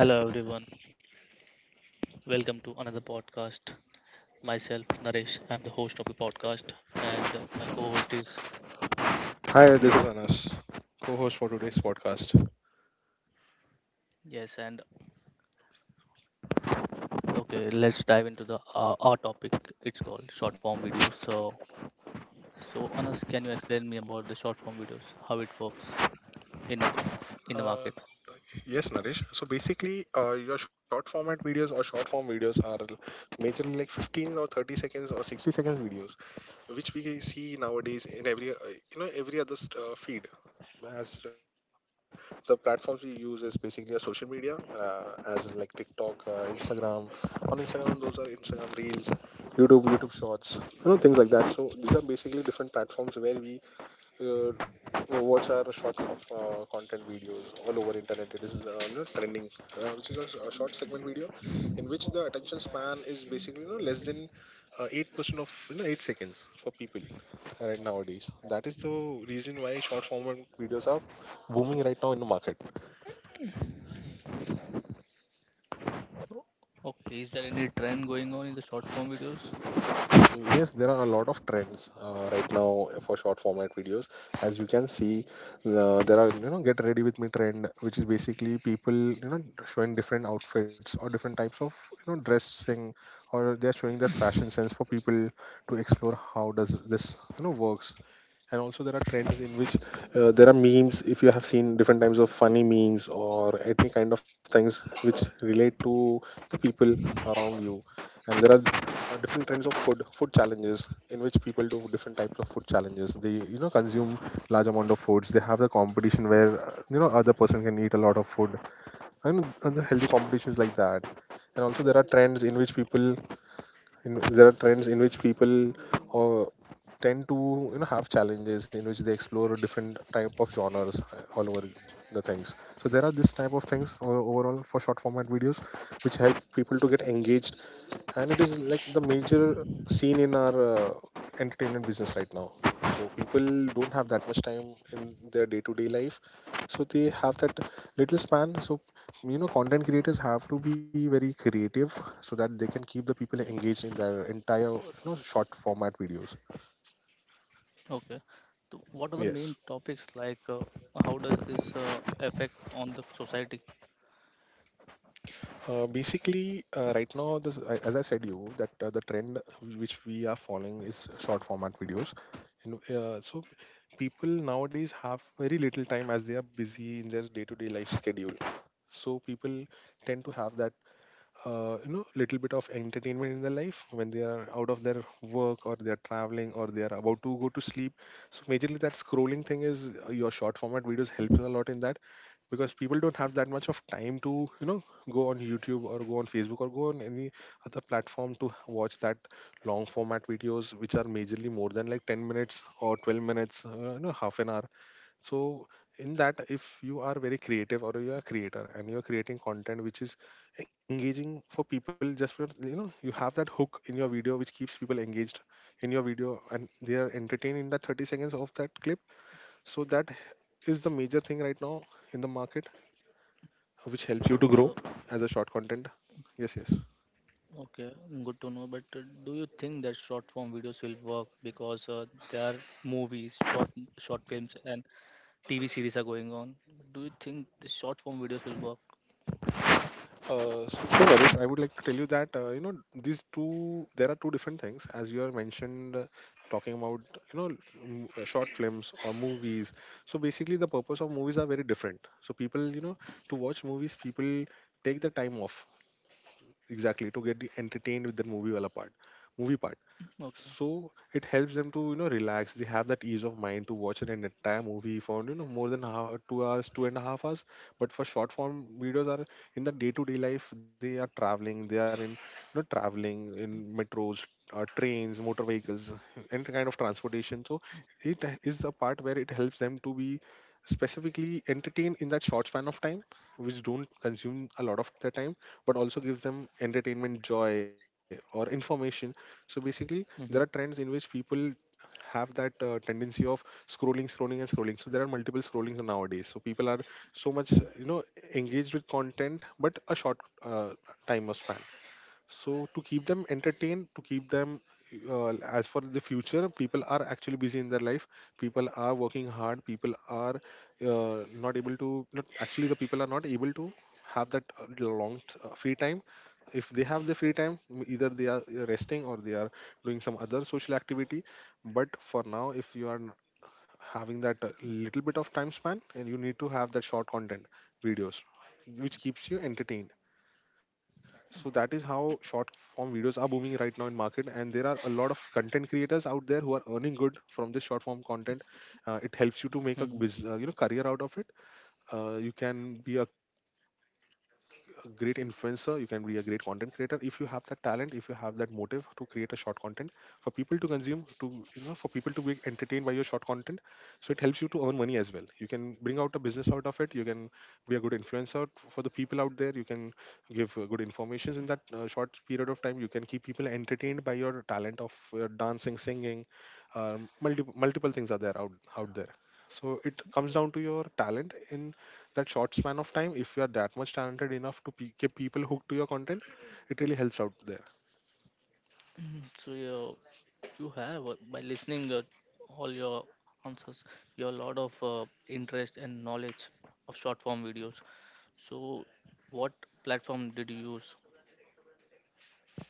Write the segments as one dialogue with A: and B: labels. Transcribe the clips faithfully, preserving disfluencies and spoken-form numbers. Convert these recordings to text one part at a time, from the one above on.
A: Hello everyone. Welcome to another podcast. Myself Naresh. I'm the host of the podcast, and my co-host is
B: Hi, this is Anas, co-host for today's podcast.
A: yes. And okay, let's dive into the uh, our topic. It's called short form videos. So, so Anas, can you explain me about the short form videos? How it works in the in the market?
B: Uh, yes, Naresh. So basically, uh, your short format videos or short form videos are majorly like fifteen or thirty seconds or sixty seconds videos, which we see nowadays in every uh, you know every other st- uh, feed. As the platforms we use is basically a social media, uh, as like TikTok, uh, Instagram. On Instagram, those are Instagram Reels, YouTube, YouTube Shorts, you know things like that. So these are basically different platforms where we uh, uh, watch our short uh, content videos all over internet. It is uh, you know, trending, uh, which is a, s- a short segment video in which the attention span is basically you know less than uh, eight percent of you know eight seconds for people right nowadays. That is the reason why short format videos are booming right now in the market.
A: Okay. Is there any trend going on in the short form videos?
B: Yes, there are a lot of trends uh, right now for short format videos. As you can see, uh, there are, you know get ready with me trend, which is basically people you know showing different outfits or different types of you know dressing, or they are showing their fashion sense for people to explore how does this you know works. And also there are trends in which uh, there are memes, if you have seen different types of funny memes or any kind of things which relate to the people around you. And there are uh, different kinds of food food challenges in which people do different types of food challenges. They you know consume large amount of foods. They have the competition where uh, you know other person can eat a lot of food, and, and the healthy competitions like that. And also there are trends in which people in, there are trends in which people uh, tend to you know have challenges in which they explore different type of genres uh, all over the things. So there are this type of things o- overall for short format videos which help people to get engaged. And it is like the major scene in our uh, entertainment business right now. So people don't have that much time in their day to day life, so they have that little span. So you know content creators have to be very creative, so that they can keep the people engaged in their entire you know short format videos.
A: Okay. So what are the main
B: Yes.
A: topics like? Uh, how does this uh, affect on the society?
B: Uh, basically, uh, right now, this, I- as I said you, that uh, the trend which we are following is short format videos. And, uh, so people nowadays have very little time as they are busy in their day-to-day life schedule. So people tend to have that uh, you know little bit of entertainment in their life when they are out of their work, or they are traveling, or they are about to go to sleep. So majorly, that scrolling thing is, uh, your short format videos helps a lot in that. Because people don't have that much of time to you know go on YouTube, or go on Facebook, or go on any other platform to watch that long format videos which are majorly more than like ten minutes or twelve minutes, uh, you know half an hour. So in that, if you are very creative or you are a creator and you are creating content which is engaging for people, just for, you know you have that hook in your video which keeps people engaged in your video, and they are entertained in that thirty seconds of that clip. So that is the major thing right now in the market which
A: But
B: helps you to
A: uh,
B: grow as a short content. Yes yes
A: Okay, good to know. But uh, do you think that short form videos will work because uh, there are movies, short short films, and T V series are going on? Do you think the short form videos will work?
B: Uh, so, so Naresh, I would like to tell you that uh, you know these two, there are two different things, as you have mentioned uh, talking about, you know m- uh, short films or movies. So basically, the purpose of movies are very different. So people, you know to watch movies, people take the time off exactly to get the entertained with the movie wala part, movie part.
A: Okay.
B: So it helps them to you know relax. They have that ease of mind to watch an entire movie for, you know more than half, two hours, two and a half hours. But for short form videos are, in the day-to-day life, they are traveling, they are in, you know traveling in metros, uh, trains, motor vehicles, any kind of transportation. So it is a part where it helps them to be specifically entertained in that short span of time, which don't consume a lot of their time, but also gives them entertainment, joy, or information. So basically, there are
A: Hmm.
B: trends in which people have that uh, tendency of scrolling, scrolling, and scrolling. So there are multiple scrollings nowadays. So people are so much,
A: Hmm.
B: you know, engaged with content, but a short uh, time of span. So to keep them entertained, to keep them, uh, as for the future, people are actually busy in their life. People are working hard. People are uh, not able to. Not actually, the people are not able to have that uh, long t- uh, free time. If they have the free time, m- either they are uh, resting, or they are doing some other social activity. But for now, if you are n- having that uh, little bit of time span, and you need to have that short content videos, which keeps you entertained. So that is how short form videos are booming right now in market, and there are a lot of content creators out there who are earning good from this short form content. Uh, it helps you to make a
A: Hmm.
B: bus- uh, you know career out of it. Uh, you can be a, a great influencer, you can be a great content creator if you have that talent, if you have that motive to create a short content for people to consume, to, you know for people to be entertained by your short content. So it helps you to earn money as well, you can bring out a business out of it, you can be a good influencer for the people out there. You can give uh, good informations in that uh, short period of time, you can keep people entertained by your talent of uh, dancing, singing. um, multiple multiple things are there out out there. So it comes down to your talent in that short span of time, if you are that much talented enough to pe- get people hooked to your content. It really helps out there.
A: So yeah, you have, uh, by listening uh, all your answers, you have a lot of uh, interest and knowledge of short form videos. So, what platform did you use?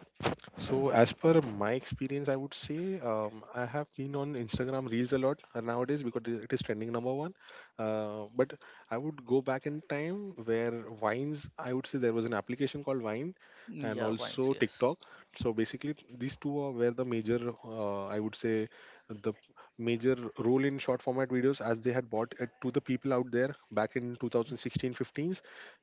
B: So, as per my experience, I would say, um, I have been on Instagram Reels a lot uh, nowadays, because it it is trending number one. Uh, but I would go back in time where Vines, I would say there was an application called Vine, and
A: Yeah, Vines.
B: also
A: Yes.
B: TikTok. So basically, these two are where the major, uh, I would say, the major role in short format videos, as they had bought it to the people out there back in two thousand sixteen, fifteens.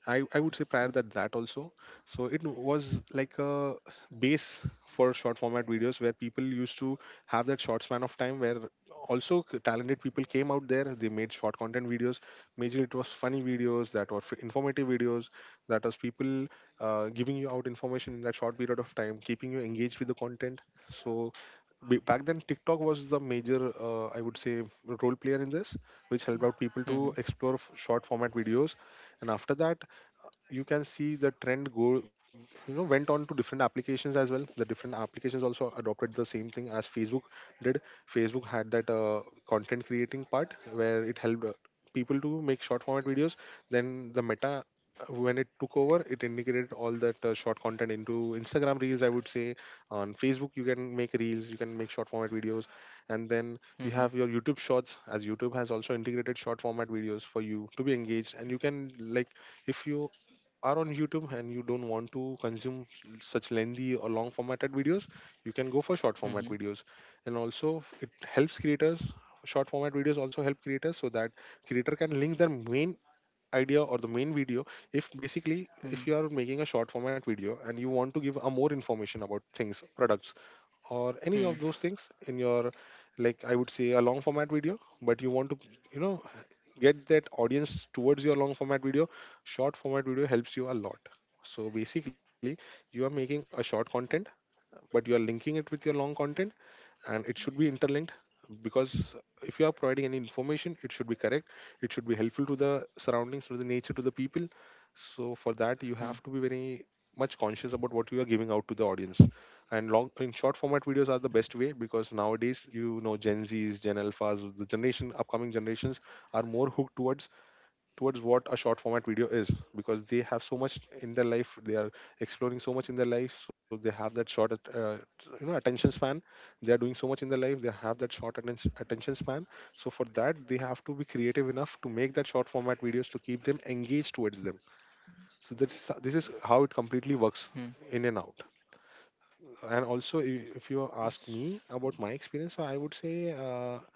B: I, I would say prior that that also. So it was like a base for short format videos where people used to have that short span of time, where also c- talented people came out there, they made short content videos. Majorly it was funny videos, that were f- informative videos, that was people uh, giving you out information in that short period of time, keeping you engaged with the content. So b- back then, TikTok was the major, uh, I would say, role player in this, which helped out people to
A: Hmm.
B: explore f- short format videos. And after that, you can see the trend go you know went on to different applications as well. The different applications also adopted the same thing, as Facebook did. Facebook had that uh, content creating part where it helped uh, people to make short format videos. Then the Meta, uh, when it took over, it integrated all that uh, short content into Instagram Reels, I would say. On Facebook you can make reels, you can make short format videos. And then you
A: Hmm.
B: have your YouTube Shorts, as YouTube has also integrated short format videos for you to be engaged. And you can, like, if you are on YouTube and you don't want to consume s- such lengthy or long formatted videos, you can go for short format
A: Hmm.
B: videos. And also, it helps creators. Short format videos also help creators so that creator can link their main idea or the main video. If basically, if
A: Hmm.
B: you are making a short format video and you want to give a more information about things, products, or any
A: Hmm.
B: of those things in your, like, I would say, a long format video, but you want to, you know get that audience towards your long format video. Short format video helps you a lot. So basically, you are making a short content, but you are linking it with your long content, and it should be interlinked. Because if you are providing any information, it should be correct. It should be helpful to the surroundings, to the nature, to the people. So for that,
A: Hmm.
B: you have to be very much conscious about what you are giving out to the audience. And long in short format videos are the best way, because nowadays, you know Gen Z's, Gen Alphas, the generation, upcoming generations are more hooked towards towards what a short format video is. Because they have so much in their life, they are exploring so much in their life, so they have that short at- uh, you know attention span. They are doing so much in their life, they have that short atten- attention span. So for that, they have to be creative enough to make that short format videos to keep them engaged towards them. So that's this is how it
A: Hmm.
B: completely works, in and out. And also, i- if you ask me about my experience, so I would say, uh,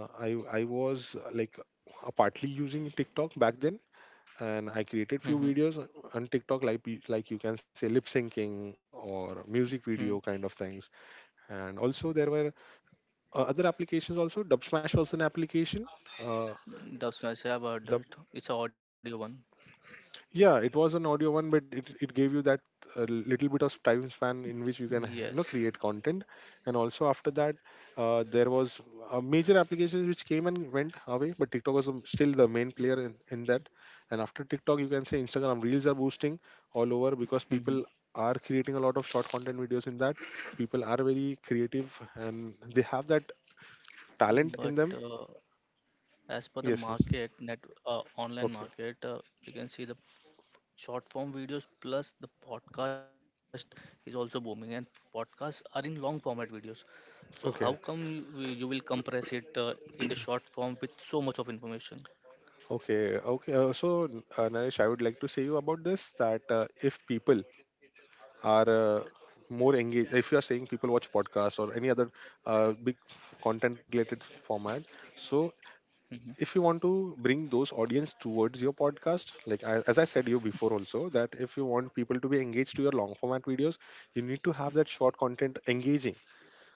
B: uh, i i was, uh, like, uh, partly using TikTok back then. And I created few
A: Hmm.
B: videos on TikTok, like you- like you can say lip syncing or music
A: Hmm.
B: video kind of things. And also there were uh, other applications also. Dub Smash was an application. Uh,
A: Dub Smash, I've heard
B: the
A: it. It's an audio one.
B: Yeah, it was an audio one, but it, it gave you that uh, little bit of time span in which you can
A: Yes.
B: you know create content. And also after that, uh, there was a major applications which came and went away, but TikTok was the- still the main player in, in that. And after TikTok, you can say Instagram Reels are boosting all over, because
A: Hmm. Hmm.
B: people are creating a lot of short content videos in that. People are very creative and they have that talent in
A: But
B: them.
A: uh, as per the
B: Yes, yes.
A: market, net uh, online
B: Okay.
A: market, uh, you can see the short form videos plus the podcast is also booming, and podcasts are in long format videos. So how come
B: Okay.
A: you, you will compress it uh, in the short form with so much of information?
B: Okay, okay. Uh, so, uh, Naresh, I would like to say you about this that uh, if people are, uh, more engaged, if you are saying people watch podcasts or any other uh, big content related format, so
A: Hmm.
B: if you want to bring those audience towards your podcast, like I, as I said you before also, that if you want people to be engaged to your long format videos, you need to have that short content engaging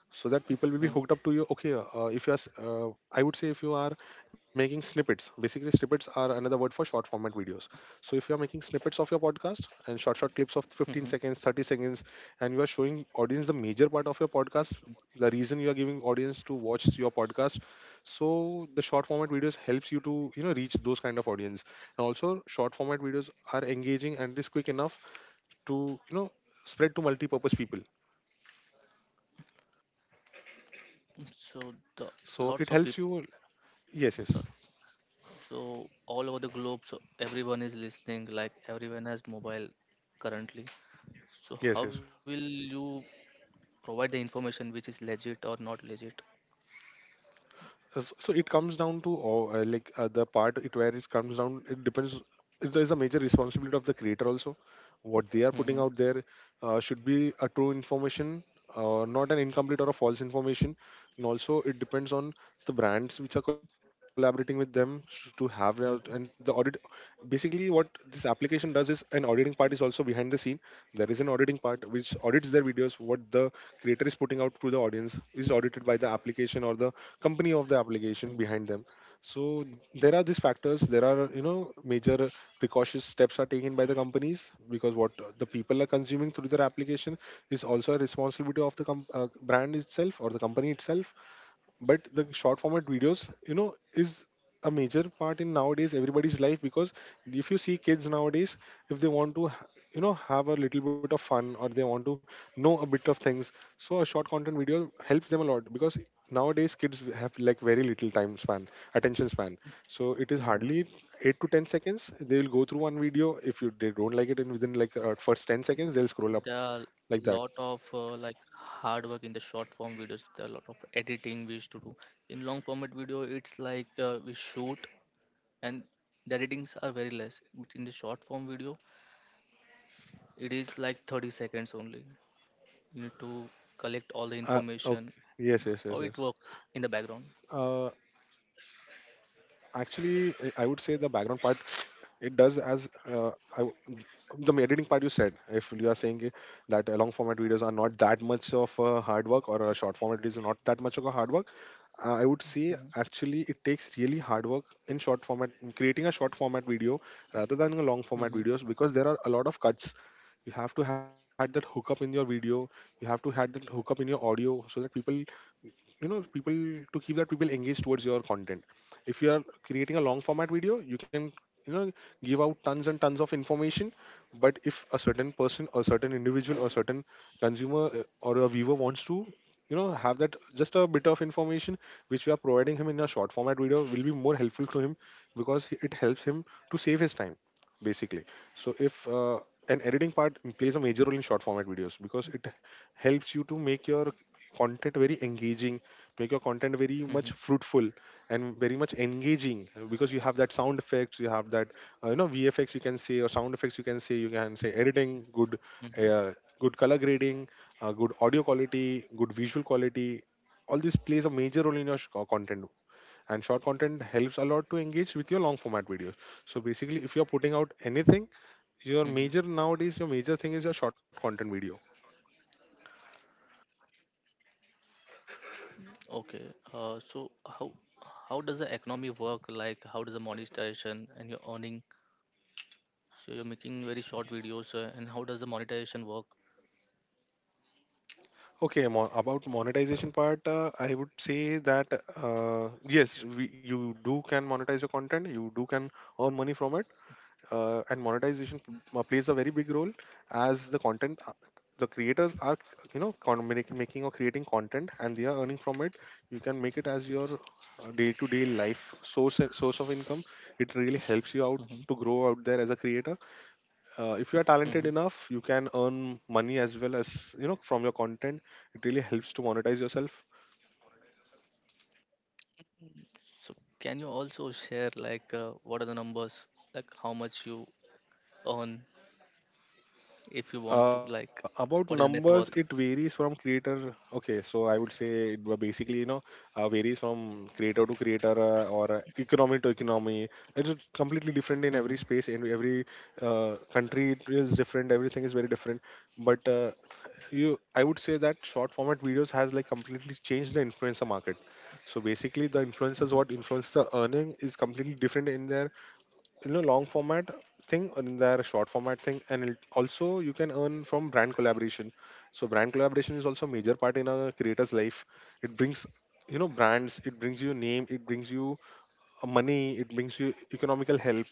B: so that people will be
A: Hmm.
B: hooked up to you. Okay. uh, if you are s- uh, I would say if you are making snippets. Basically, snippets are another word for short format videos. So if you are making snippets of your podcast, and
A: Hmm.
B: short short clips of fifteen seconds, thirty seconds, and you are showing audience the major part of your podcast, the reason you are giving audience to watch your podcast, so the short format videos helps you to you know reach those kind of audience. And also short format videos are engaging and it is quick enough to, you know spread to multi-purpose people.
A: Hmm. So the
B: So
A: lots
B: it
A: of
B: helps
A: people.
B: you. Yes, yes.
A: Sorry. So all over the globe, so everyone is listening, like everyone has mobile currently.
B: Yes, yes.
A: So how will you provide the information which is legit or not legit?
B: Uh, s- So it comes down to, or, uh, like, uh, the part it where it comes down. It depends. It is a major responsibility of the creator also. What they are putting
A: Hmm.
B: out there uh, should be a true information, uh, not an incomplete or a false information. And also, it depends on the brands which are collaborating with them, sh- to have their- and the
A: Hmm.
B: audit. Basically, what this application does is an auditing part is also behind the scene. There is an auditing part which audits their videos. What the creator is putting out to the audience is audited by the application or the company of the application behind
A: Hmm.
B: them. So there are these factors, there are, you know major precautious steps are taken by the companies, because what the people are consuming through their application is also a responsibility of the com- uh, brand itself or the company itself. But the short format videos, you know is a major part in nowadays everybody's life, because if you see kids nowadays, if they want to, you know have a little bit of fun, or they want to know a bit of things, so a short content video helps them a lot, because nowadays kids have like very little time span, attention span. So it is
A: Hmm.
B: hardly eight to ten seconds they will go through one video. If you they don't like it in, within like, uh, first ten seconds, they'll scroll
A: There
B: up
A: are
B: like
A: lot
B: that.
A: of uh, like hard work in the short form videos. There are a lot of editing we used to do. In long format video, it's like uh, we shoot and the editings are very less. But in the short form video, it is like thirty seconds only. You need to collect all the
B: Uh,
A: information
B: okay. Yes, yes,
A: how
B: yes,
A: it
B: yes.
A: works in the background.
B: Uh, actually, I I would say the background part, it does as, uh, I w- the editing part you said. If you are saying, i- that uh, long format videos are not that much of a hard work, or a short format is not that much of a hard work, uh, I would say
A: Hmm.
B: actually it takes really hard work in short format in creating a short format video, rather than a long format
A: Hmm.
B: videos, because there are a lot of cuts. You have to have that hookup in your video, you have to have that hookup in your audio, so that people, you know people, to keep that people engaged towards your content. If you are creating a long format video, you can, you know give out tons and tons of information. But if a certain person or certain individual or certain consumer, uh, or a viewer wants to, you know have that just a bit of information which we are providing him in a short format video, will be more helpful to him, because he- it helps him to save his time, basically. So if, uh, an editing part plays a major role in short format videos, because it helps you to make your content very engaging, make your content very
A: Hmm.
B: much fruitful and very much engaging, uh, because you have that sound effects, you have that, uh, you know VFX you can say, or sound effects you can say, you can say editing good,
A: Hmm.
B: uh, good color grading, uh, good audio quality, good visual quality, all this plays a major role in your sh- co- content. And short content helps a lot to engage with your long format videos. So basically, if you're putting
A: Hmm.
B: out anything, your major, nowadays, your major thing is your short content video.
A: Okay. Uh, so how how does the economy work, like how does the monetization and your earning? So you're making very short videos, uh, and how does the monetization work?
B: Okay, mo- about monetization part, uh, I would say that, uh, yes, we, you do can monetize your content, you do can earn money from it, uh, and monetization, p- uh, plays a very big role as the content, uh, the creators are, you know, con- make- making or creating content, and they are earning from it. You can make it as your, uh, day-to-day life, source source of income. It really helps you out
A: Hmm.
B: to grow out there as a creator. Uh, if you are
A: Hmm.
B: talented enough, you can earn money as well, as you know from your content. It really helps to monetize yourself.
A: So can you also share, like uh, what are the numbers, like how much you earn, if you want to, like
B: Uh,
A: what
B: about
A: is the net worth?
B: numbers, it varies from creator. Okay, so I would say it wa- basically, you know uh, varies from creator to creator, uh, or, uh, economy to economy. It's just completely different
A: Hmm.
B: in every space, in every uh, country, it is different, everything is very different. But uh, you I would say that short format videos has like completely changed the influencer market. So basically the
A: Hmm.
B: influencers, what influence the earning is completely different in their, you know long format thing, and in their short format thing. And it also, you can earn from brand collaboration. So brand collaboration is also a major part in a creator's life. It brings, you know brands, it brings you name, it brings you, uh, money, it brings you economical help.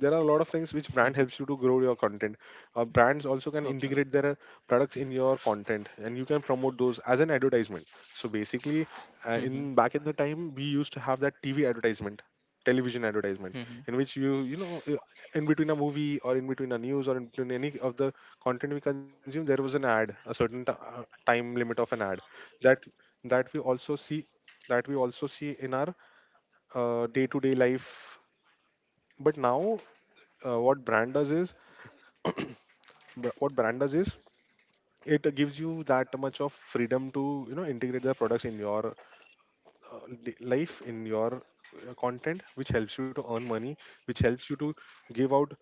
B: There are a lot of things which brand
A: Hmm.
B: helps you to grow your content. Uh, brands also can
A: Okay.
B: integrate their products in your content, and you can promote those as an advertisement. So basically,
A: Hmm.
B: uh,
A: Hmm.
B: in back in the time, we used to have that TV advertisement, television advertisement,
A: Hmm.
B: in which you you know uh, in between a movie, or in between a news, or in between any of the content we consume, there was an ad, a certain, t- uh, time limit of an ad. that that we also see that we also see in our, uh, day-to-day life. But now, uh, what brand does is br- what brand does is, it gives you that much of freedom to, you know integrate the products in your, uh, li- life, in your, uh, content, which helps you to earn money, which helps you to give out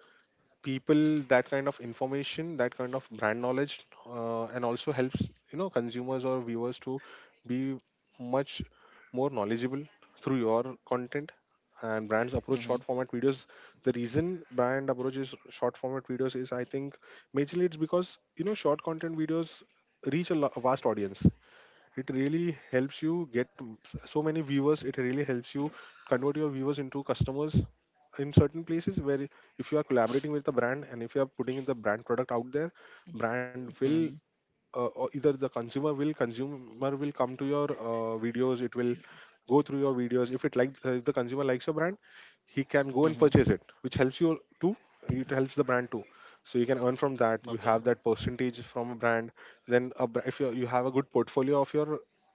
B: people that kind of information, that kind of brand knowledge, uh, and also helps, you know consumers or viewers to be much more knowledgeable through your content. And brands
A: Hmm.
B: approach
A: Hmm.
B: short format videos. The reason brand approaches short format videos is, I think, majorly it's because, you know short content videos reach a lo- a vast audience. It really helps you get m- s- so many viewers. It really helps you convert your viewers into customers. In certain places where if you are collaborating with the brand and if you are putting in the brand product out there, brand will uh, or either the consumer will consumer will come to your uh, videos, it will go through your videos. If it likes uh, if the consumer likes your brand, he can go and purchase it, which helps you too. It helps the brand too. So you can earn from that, you
A: Okay.
B: have that percentage from a brand. Then a, br- if you you have a good portfolio of your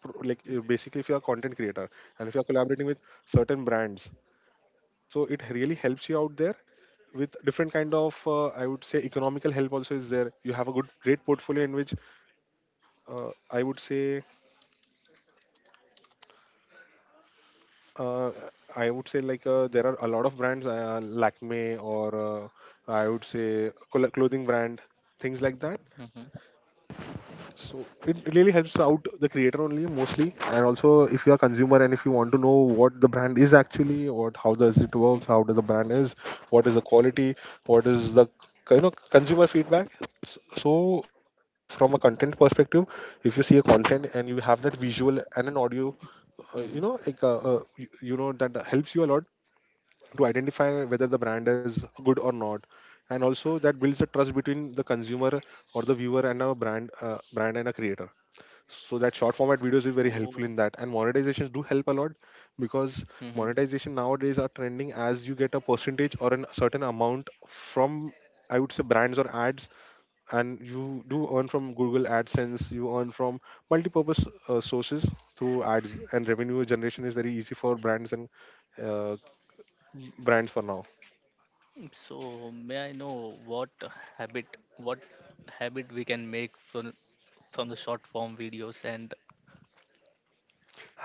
B: pro- like uh, basically, if you're a content creator and if you're collaborating with certain brands, so it really helps you out there with different kind of uh, I would say economical help also is there. You have a good great portfolio in which uh, I would say, uh, I would say, like, uh, there are a lot of brands, uh, Lakme or uh, I would say col- clothing brand, things like that.
A: Hmm. Hmm.
B: So it really helps out the creator only mostly, and also if you are consumer and if you want to know what the brand is actually, what, how does it work, how does the brand is, what is the quality, what is the, you know, consumer feedback. S- So from a content perspective, if you see a content and you have that visual and an audio, uh, you know,
A: Hmm.
B: like uh, uh, you, you know that helps you a lot to identify whether the brand is good or not. And also that builds a trust between the consumer or the viewer and a brand, uh, brand and a creator. So that short format videos is very helpful
A: So,
B: in that, and monetizations do help a lot because
A: hmm.
B: monetization nowadays are trending, as you get a percentage or a certain amount from, I would say, brands or ads. And you do earn from Google AdSense, you earn from multi-purpose uh, sources through ads, and revenue generation is very easy for brands and uh, brands for now.
A: So, may I know what habit, what habit we can make from from the short form videos? And,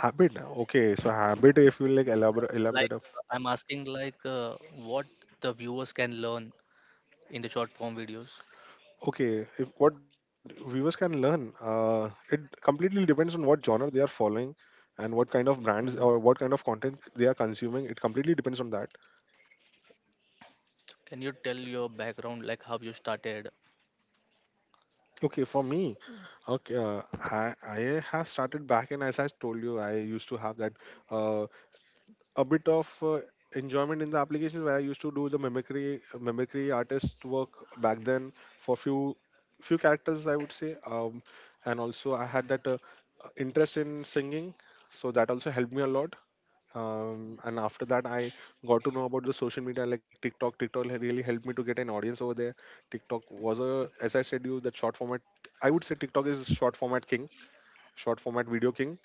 B: Habit, okay, so habit, if you like, elaborate,
A: like,
B: elaborate up.
A: I'm asking like, uh, what the viewers can learn in the short form videos.
B: Okay, if what viewers can learn, uh, it completely depends on what genre they are following and what kind of
A: Hmm.
B: brands or what kind of content they are consuming. It completely depends on that.
A: Can you tell your background, like how you started?
B: Okay, for me, okay, uh, I, I have started back, and as I told you, I used to have that uh, a bit of uh, enjoyment in the applications where I used to do the mimicry mimicry artist work back then for few few characters, I would say. Um, and also I had that uh, uh, interest in singing, so that also helped me a lot. Um, and after that I got to know about the social media like TikTok. TikTok had really helped me to get an audience over there. TikTok was a, as I said you, that short format, I would say TikTok is short format king, short format video king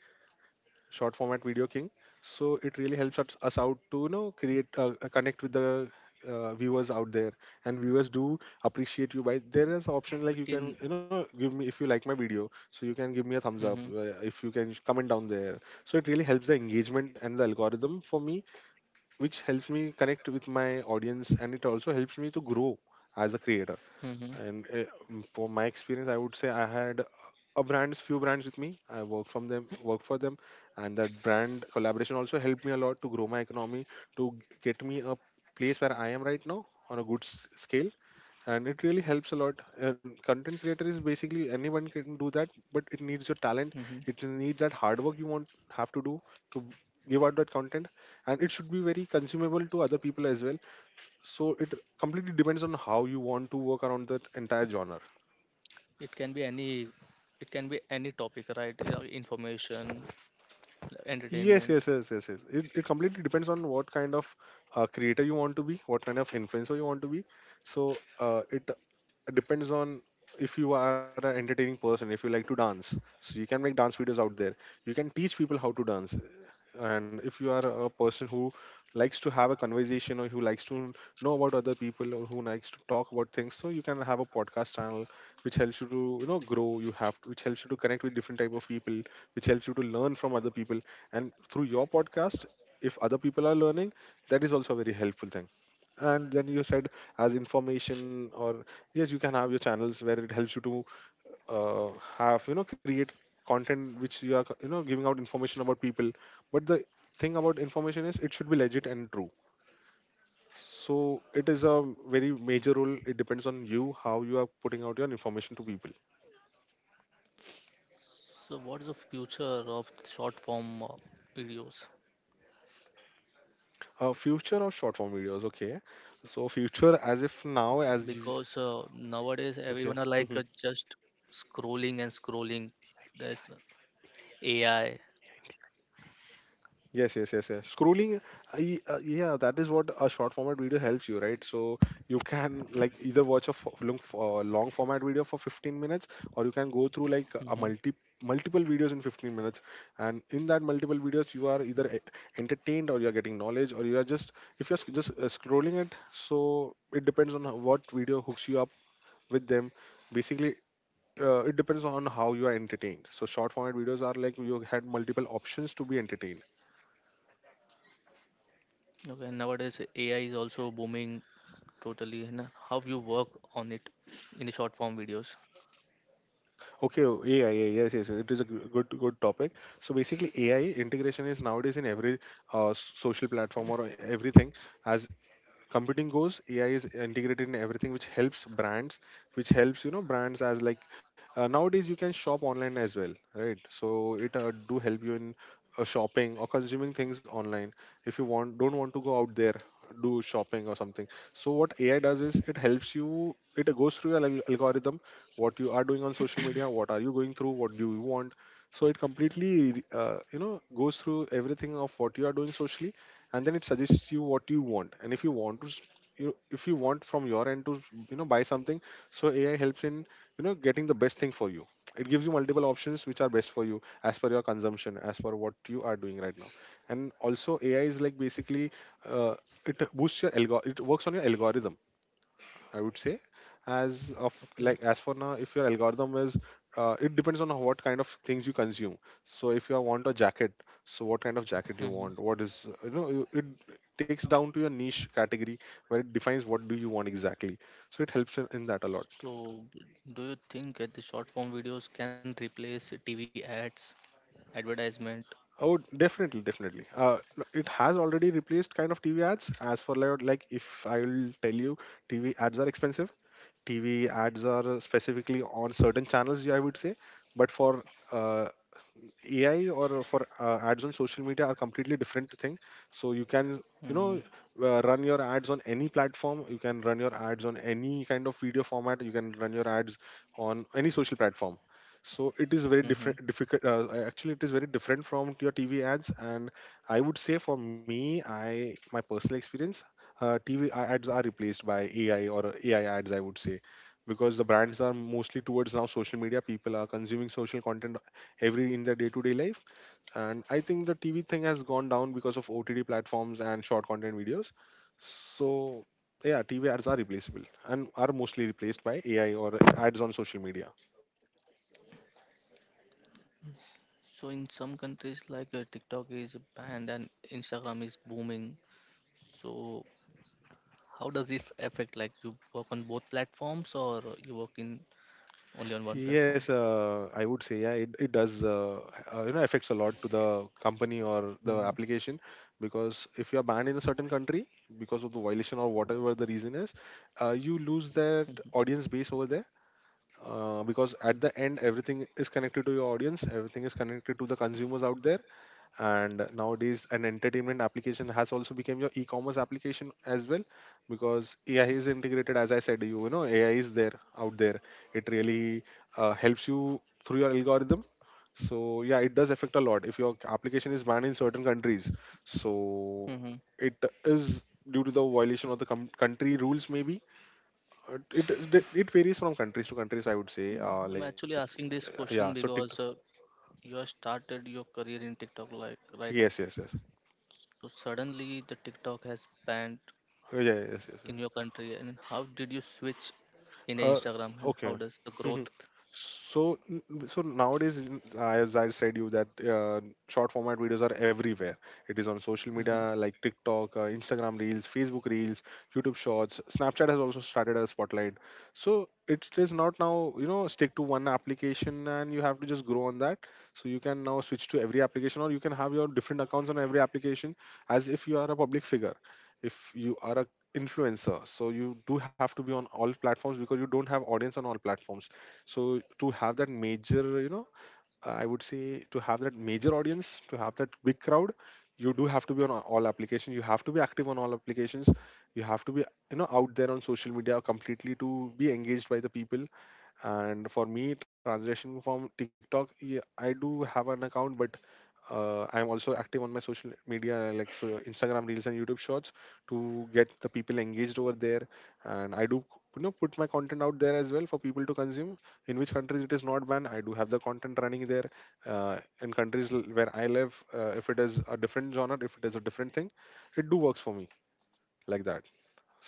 B: short format video king So it really helps us, us out to, you know, create uh, uh, connect with the uh, viewers out there. And viewers do appreciate you by, there is option like,
A: But
B: you can,
A: in,
B: you know, give me, if you like my video, so you can give me a thumbs
A: hmm.
B: up. Uh, if you can comment down there, so it really helps the engagement and the algorithm for me, which helps me connect with my audience, and it also helps me to grow as a creator.
A: Hmm.
B: And uh, mm, for my experience, I would say I had a brands, few brands with me. I worked from them, worked for them, and that brand collaboration also helped me a lot to grow my economy, to g- get me a place where I am right now on a good s- scale. And it really helps a lot. And content creator is basically anyone can do that, but it needs your talent.
A: Hmm.
B: It needs that hard work, you want have to do, to give out that content, and it should be very consumable to other people as well. So it completely depends on how you want to work around that entire genre.
A: It can be any, it can be any topic, right? You know, information,
B: Yes
A: entertainment.
B: yes yes yes, yes, It, it completely depends on what kind of uh, creator you want to be, what kind of influencer you want to be. So uh, it depends on, if you are an entertaining person, if you like to dance, so you can make dance videos out there, you can teach people how to dance. And if you are a person who likes to have a conversation, or who likes to know about other people, or who likes to talk about things, so you can have a podcast channel which helps you to, you know, grow. You have to, which helps you to connect with different type of people, which helps you to learn from other people, and through your podcast, if other people are learning, that is also a very helpful thing. And then you said, as information, or yes, you can have your channels where it helps you to uh, have, you know, create content which you are, you know, giving out information about people. But the thing about information is it should be legit and true, so it is a very major role. It depends on you, how you are putting out your information to people.
A: So what is the future of short form uh, videos?
B: Uh, future of short form videos, okay, so future as if
A: Because
B: now,
A: uh,
B: as you,
A: nowadays everyone are like, uh,
B: okay. Mhm.
A: just scrolling and scrolling. There's the A I.
B: Yes, yes, yes, yes. Scrolling, uh, uh, yeah, that is what a short format video helps you, right? So you can like either watch a fo- long, f- uh, long format video for fifteen minutes, or you can go through like a multi
A: Mhm.
B: multiple videos in fifteen minutes. And in that multiple videos, you are either e- entertained, or you are getting knowledge, or you are just, if you're sc- just uh, scrolling it. So it depends on how, what video hooks you up with them. Basically, uh, it depends on how you are entertained. So short format videos are like, you had multiple options to be entertained.
A: Okay, and nowadays A I is also booming totally. And how you work on it in the short form videos?
B: Okay, oh, AI, A I, yes, yes, yes, it is a g- good, good topic. So basically, A I integration is nowadays in every uh, social platform or everything. As computing goes, A I is integrated in everything, which helps brands, which helps, you know, brands as like, uh, nowadays you can shop online as well, right? So it uh, do help you in uh, shopping or consuming things online, if you want, don't want to go out there, do shopping or something. So what A I does is, it helps you, it goes through your al- algorithm, what you are doing on social media, what are you going through, what do you want. So it completely uh, you know, goes through everything of what you are doing socially, and then it suggests you what you want. And if you want to s- you, if you want from your end to, you know, buy something, so A I helps in, you know, getting the best thing for you. It gives you multiple options which are best for you, as per your consumption, as per what you are doing right now. And also A I is like, basically, uh, it boosts your algo- it works on your algorithm, I would say. As of
A: Okay.
B: like, as for now, if your algorithm is uh, it depends on what kind of things you consume. So if you want a jacket, so what kind of jacket you
A: Hmm.
B: want, what is, uh, you know, you- it takes down to your niche category where it defines what do you want exactly. So it helps in, in that a lot.
A: So, do you think that the short form videos can replace T V ads, advertisement?
B: Oh, definitely, definitely. Uh, no, it has already replaced kind of T V ads. As for like like if I will tell you, T V ads are expensive, T V ads are specifically on certain channels, I would say. But for uh, A I or for uh, ads on social media are completely different thing. So you can, you know,
A: Mm-hmm.
B: uh, run your ads on any platform. You can run your ads on any kind of video format. You can run your ads on any social platform. So it is very
A: Mm-hmm.
B: different. Difficult. Uh, actually, it is very different from your T V ads. And I would say for me, I, my personal experience, uh, T V ads are replaced by A I or A I ads. I would say because the brands are mostly towards now social media, people are consuming social content every in their day-to-day life, and I think the TV thing has gone down because of OTT platforms and short content videos. So yeah, TV ads are replaceable and are mostly replaced by AI or ads on social media.
A: So, in some countries like, uh, TikTok is banned and Instagram is booming. So, how does it affect? Like, you work on both platforms or you work in only on one platform?
B: Yes, uh, I would say yeah, it, it does uh, uh, you know affects a lot to the company or the
A: Mm-hmm.
B: application, because if you are banned in a certain country because of the violation or whatever the reason is, uh, you lose that audience base over there. Uh, because at the end, everything is connected to your audience, everything is connected to the consumers out there. And nowadays an entertainment application has also become your e-commerce application as well, because AI is integrated. As I said, you know AI is there out there, it really uh, helps you through your algorithm. So yeah, it does affect a lot if your application is banned in certain countries. So
A: Hmm.
B: it is due to the violation of the com- country rules maybe. uh, it it it varies from countries to countries, I would say, uh,
A: I'm
B: like,
A: actually asking
B: uh,
A: this
B: yeah. So
A: question
B: TikTok,
A: because, uh, you have started your career in TikTok, like, right?
B: yes, yes, yes,
A: So suddenly the TikTok has banned
B: yeah, yeah, yes, yes,
A: in
B: yes.
A: your country and how did you switch in the
B: Uh,
A: Instagram and
B: okay.
A: how does the
B: Mhm.
A: growth?
B: So, n- so nowadays, n- as I said you that uh, short format videos are everywhere. It is on social
A: Hmm.
B: media like TikTok, uh, Instagram Reels, Facebook Reels, YouTube Shorts. Snapchat has also started as Spotlight. So it is not now, you know stick to one application and you have to just grow on that. So you can now switch to every application, or you can have your different accounts on every application as if you are a public figure. If you are a influencer, so you do have to be on all platforms because you don't have audience on all platforms. So to have that major, you know I would say, to have that major audience, to have that big crowd, you do have to be on a- all applications, you have to be active on all applications, you have to be, you know out there on social media completely to be engaged by the people. And for me, translation from TikTok, yeah, I do have an account, but uh, I'm also active on my social media like, so Instagram Reels and YouTube Shorts, to get the people engaged over there. And I do, you know put my content out there as well for people to consume. In which countries it is not banned, I do have the content running there. Uh, in countries l- where I live, uh, if it is a different genre, if it is a different thing, it do works for me, like that.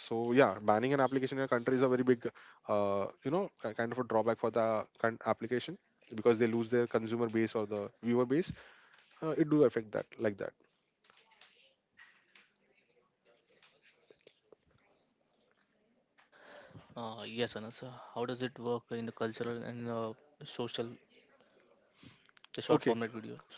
B: So yeah, banning an application in a country is a very big uh, you know ki- kind of a drawback for the con- application, because they lose their consumer base or the viewer base. Uh, it do affect that, like that.
A: Uh, yes, Anas. uh, How does it work in the cultural and uh, social, the short
B: Okay, c-
A: format videos?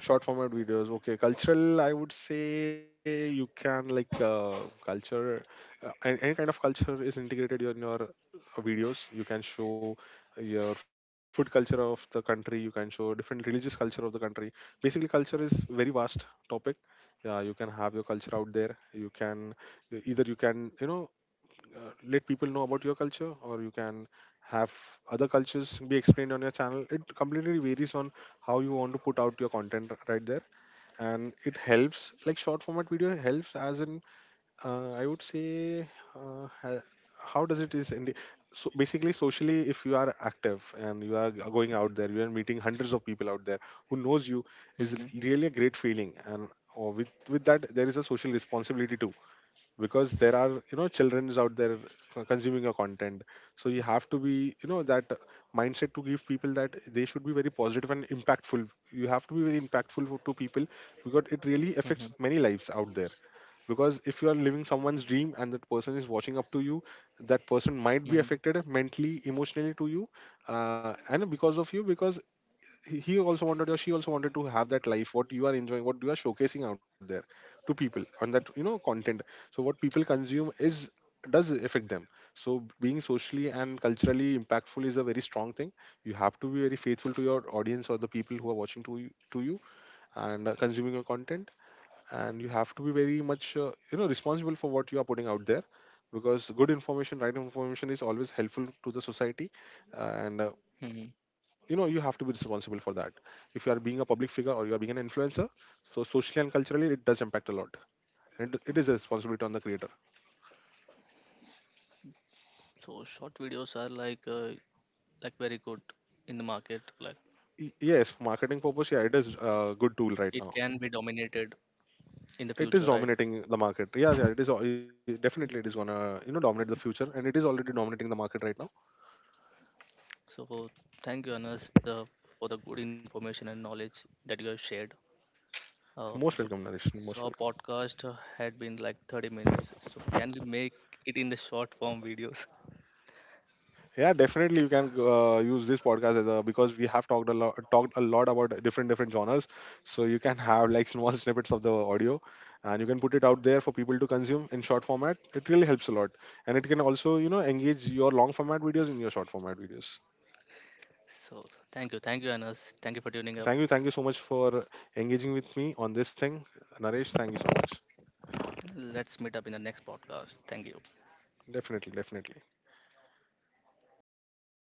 B: short format videos. Okay, cultural. I would say you can like uh, culture, uh, any, any kind of culture is integrated in your uh, videos. You can show your food culture of the country. You can show different religious culture of the country. Basically, culture is very vast topic. Yeah, you can have your culture out there. You can, either you can, you know uh, let people know about your culture, or you can have other cultures be explained on your channel. It completely varies on how you want to put out your content r- right there. And it helps, like short format video helps as in uh, I would say uh, ha- how does it is in the, so basically, socially, if you are active and you are g- going out there, you are meeting hundreds of people out there who knows you is
A: Hmm.
B: really a great feeling. And or with with that there is a social responsibility too, because there are, you know childrens out there co- consuming your content. So you have to be, you know that mindset to give people, that they should be very positive and impactful. You have to be very impactful for- to people, because it really
A: Hmm.
B: affects many lives out there. Because if you are living someone's dream and that person is watching up to you, that person might be
A: Hmm.
B: affected mentally, emotionally, to you. Uh, and because of you, because he he also wanted, or she also wanted, to have that life what you are enjoying, what you are showcasing out there to people. And that, you know content. So what people consume is, does affect them. So being socially and culturally impactful is a very strong thing. You have to be very faithful to your audience, or the people who are watching to you, to you and uh, consuming your content. And you have to be very much uh, you know responsible for what you are putting out there, because good information, right information, is always helpful to the society. And uh, you know
A: Hmm.
B: you have to be responsible for that if you are being a public figure, or you are being an influencer. So socially and culturally, it does impact a lot. And it it is a responsibility on the creator.
A: So short videos are like, uh, like very good in the market. Like
B: Y- yes, for marketing purpose, yeah, it is a good tool right
A: it
B: now.
A: can be dominated in the
B: It is
A: future, right?
B: dominating the market, yeah, yeah, it is al- definitely, it is gonna, you know dominate the future, and it is already dominating the market right now.
A: So thank you, Anas, uh, for the good information and knowledge that you have shared. Uh,
B: Most
A: so,
B: welcome, Naresh,
A: so
B: most
A: our
B: welcome.
A: podcast uh, had been like thirty minutes. So can we make it in the short form videos?
B: Yeah, definitely you can uh, use this podcast as a, because we have talked a lot talked a lot about different different genres. So you can have like small snippets of the audio, and you can put it out there for people to consume in short format. It really helps a lot. And it can also, you know, engage your long format videos in your short format videos.
A: So thank you, thank you, Anas. Thank you for tuning up.
B: Thank you, thank you so much for engaging with me on this thing. Naresh, thank you so much.
A: Let's meet up in the next podcast. Thank you.
B: Definitely, definitely.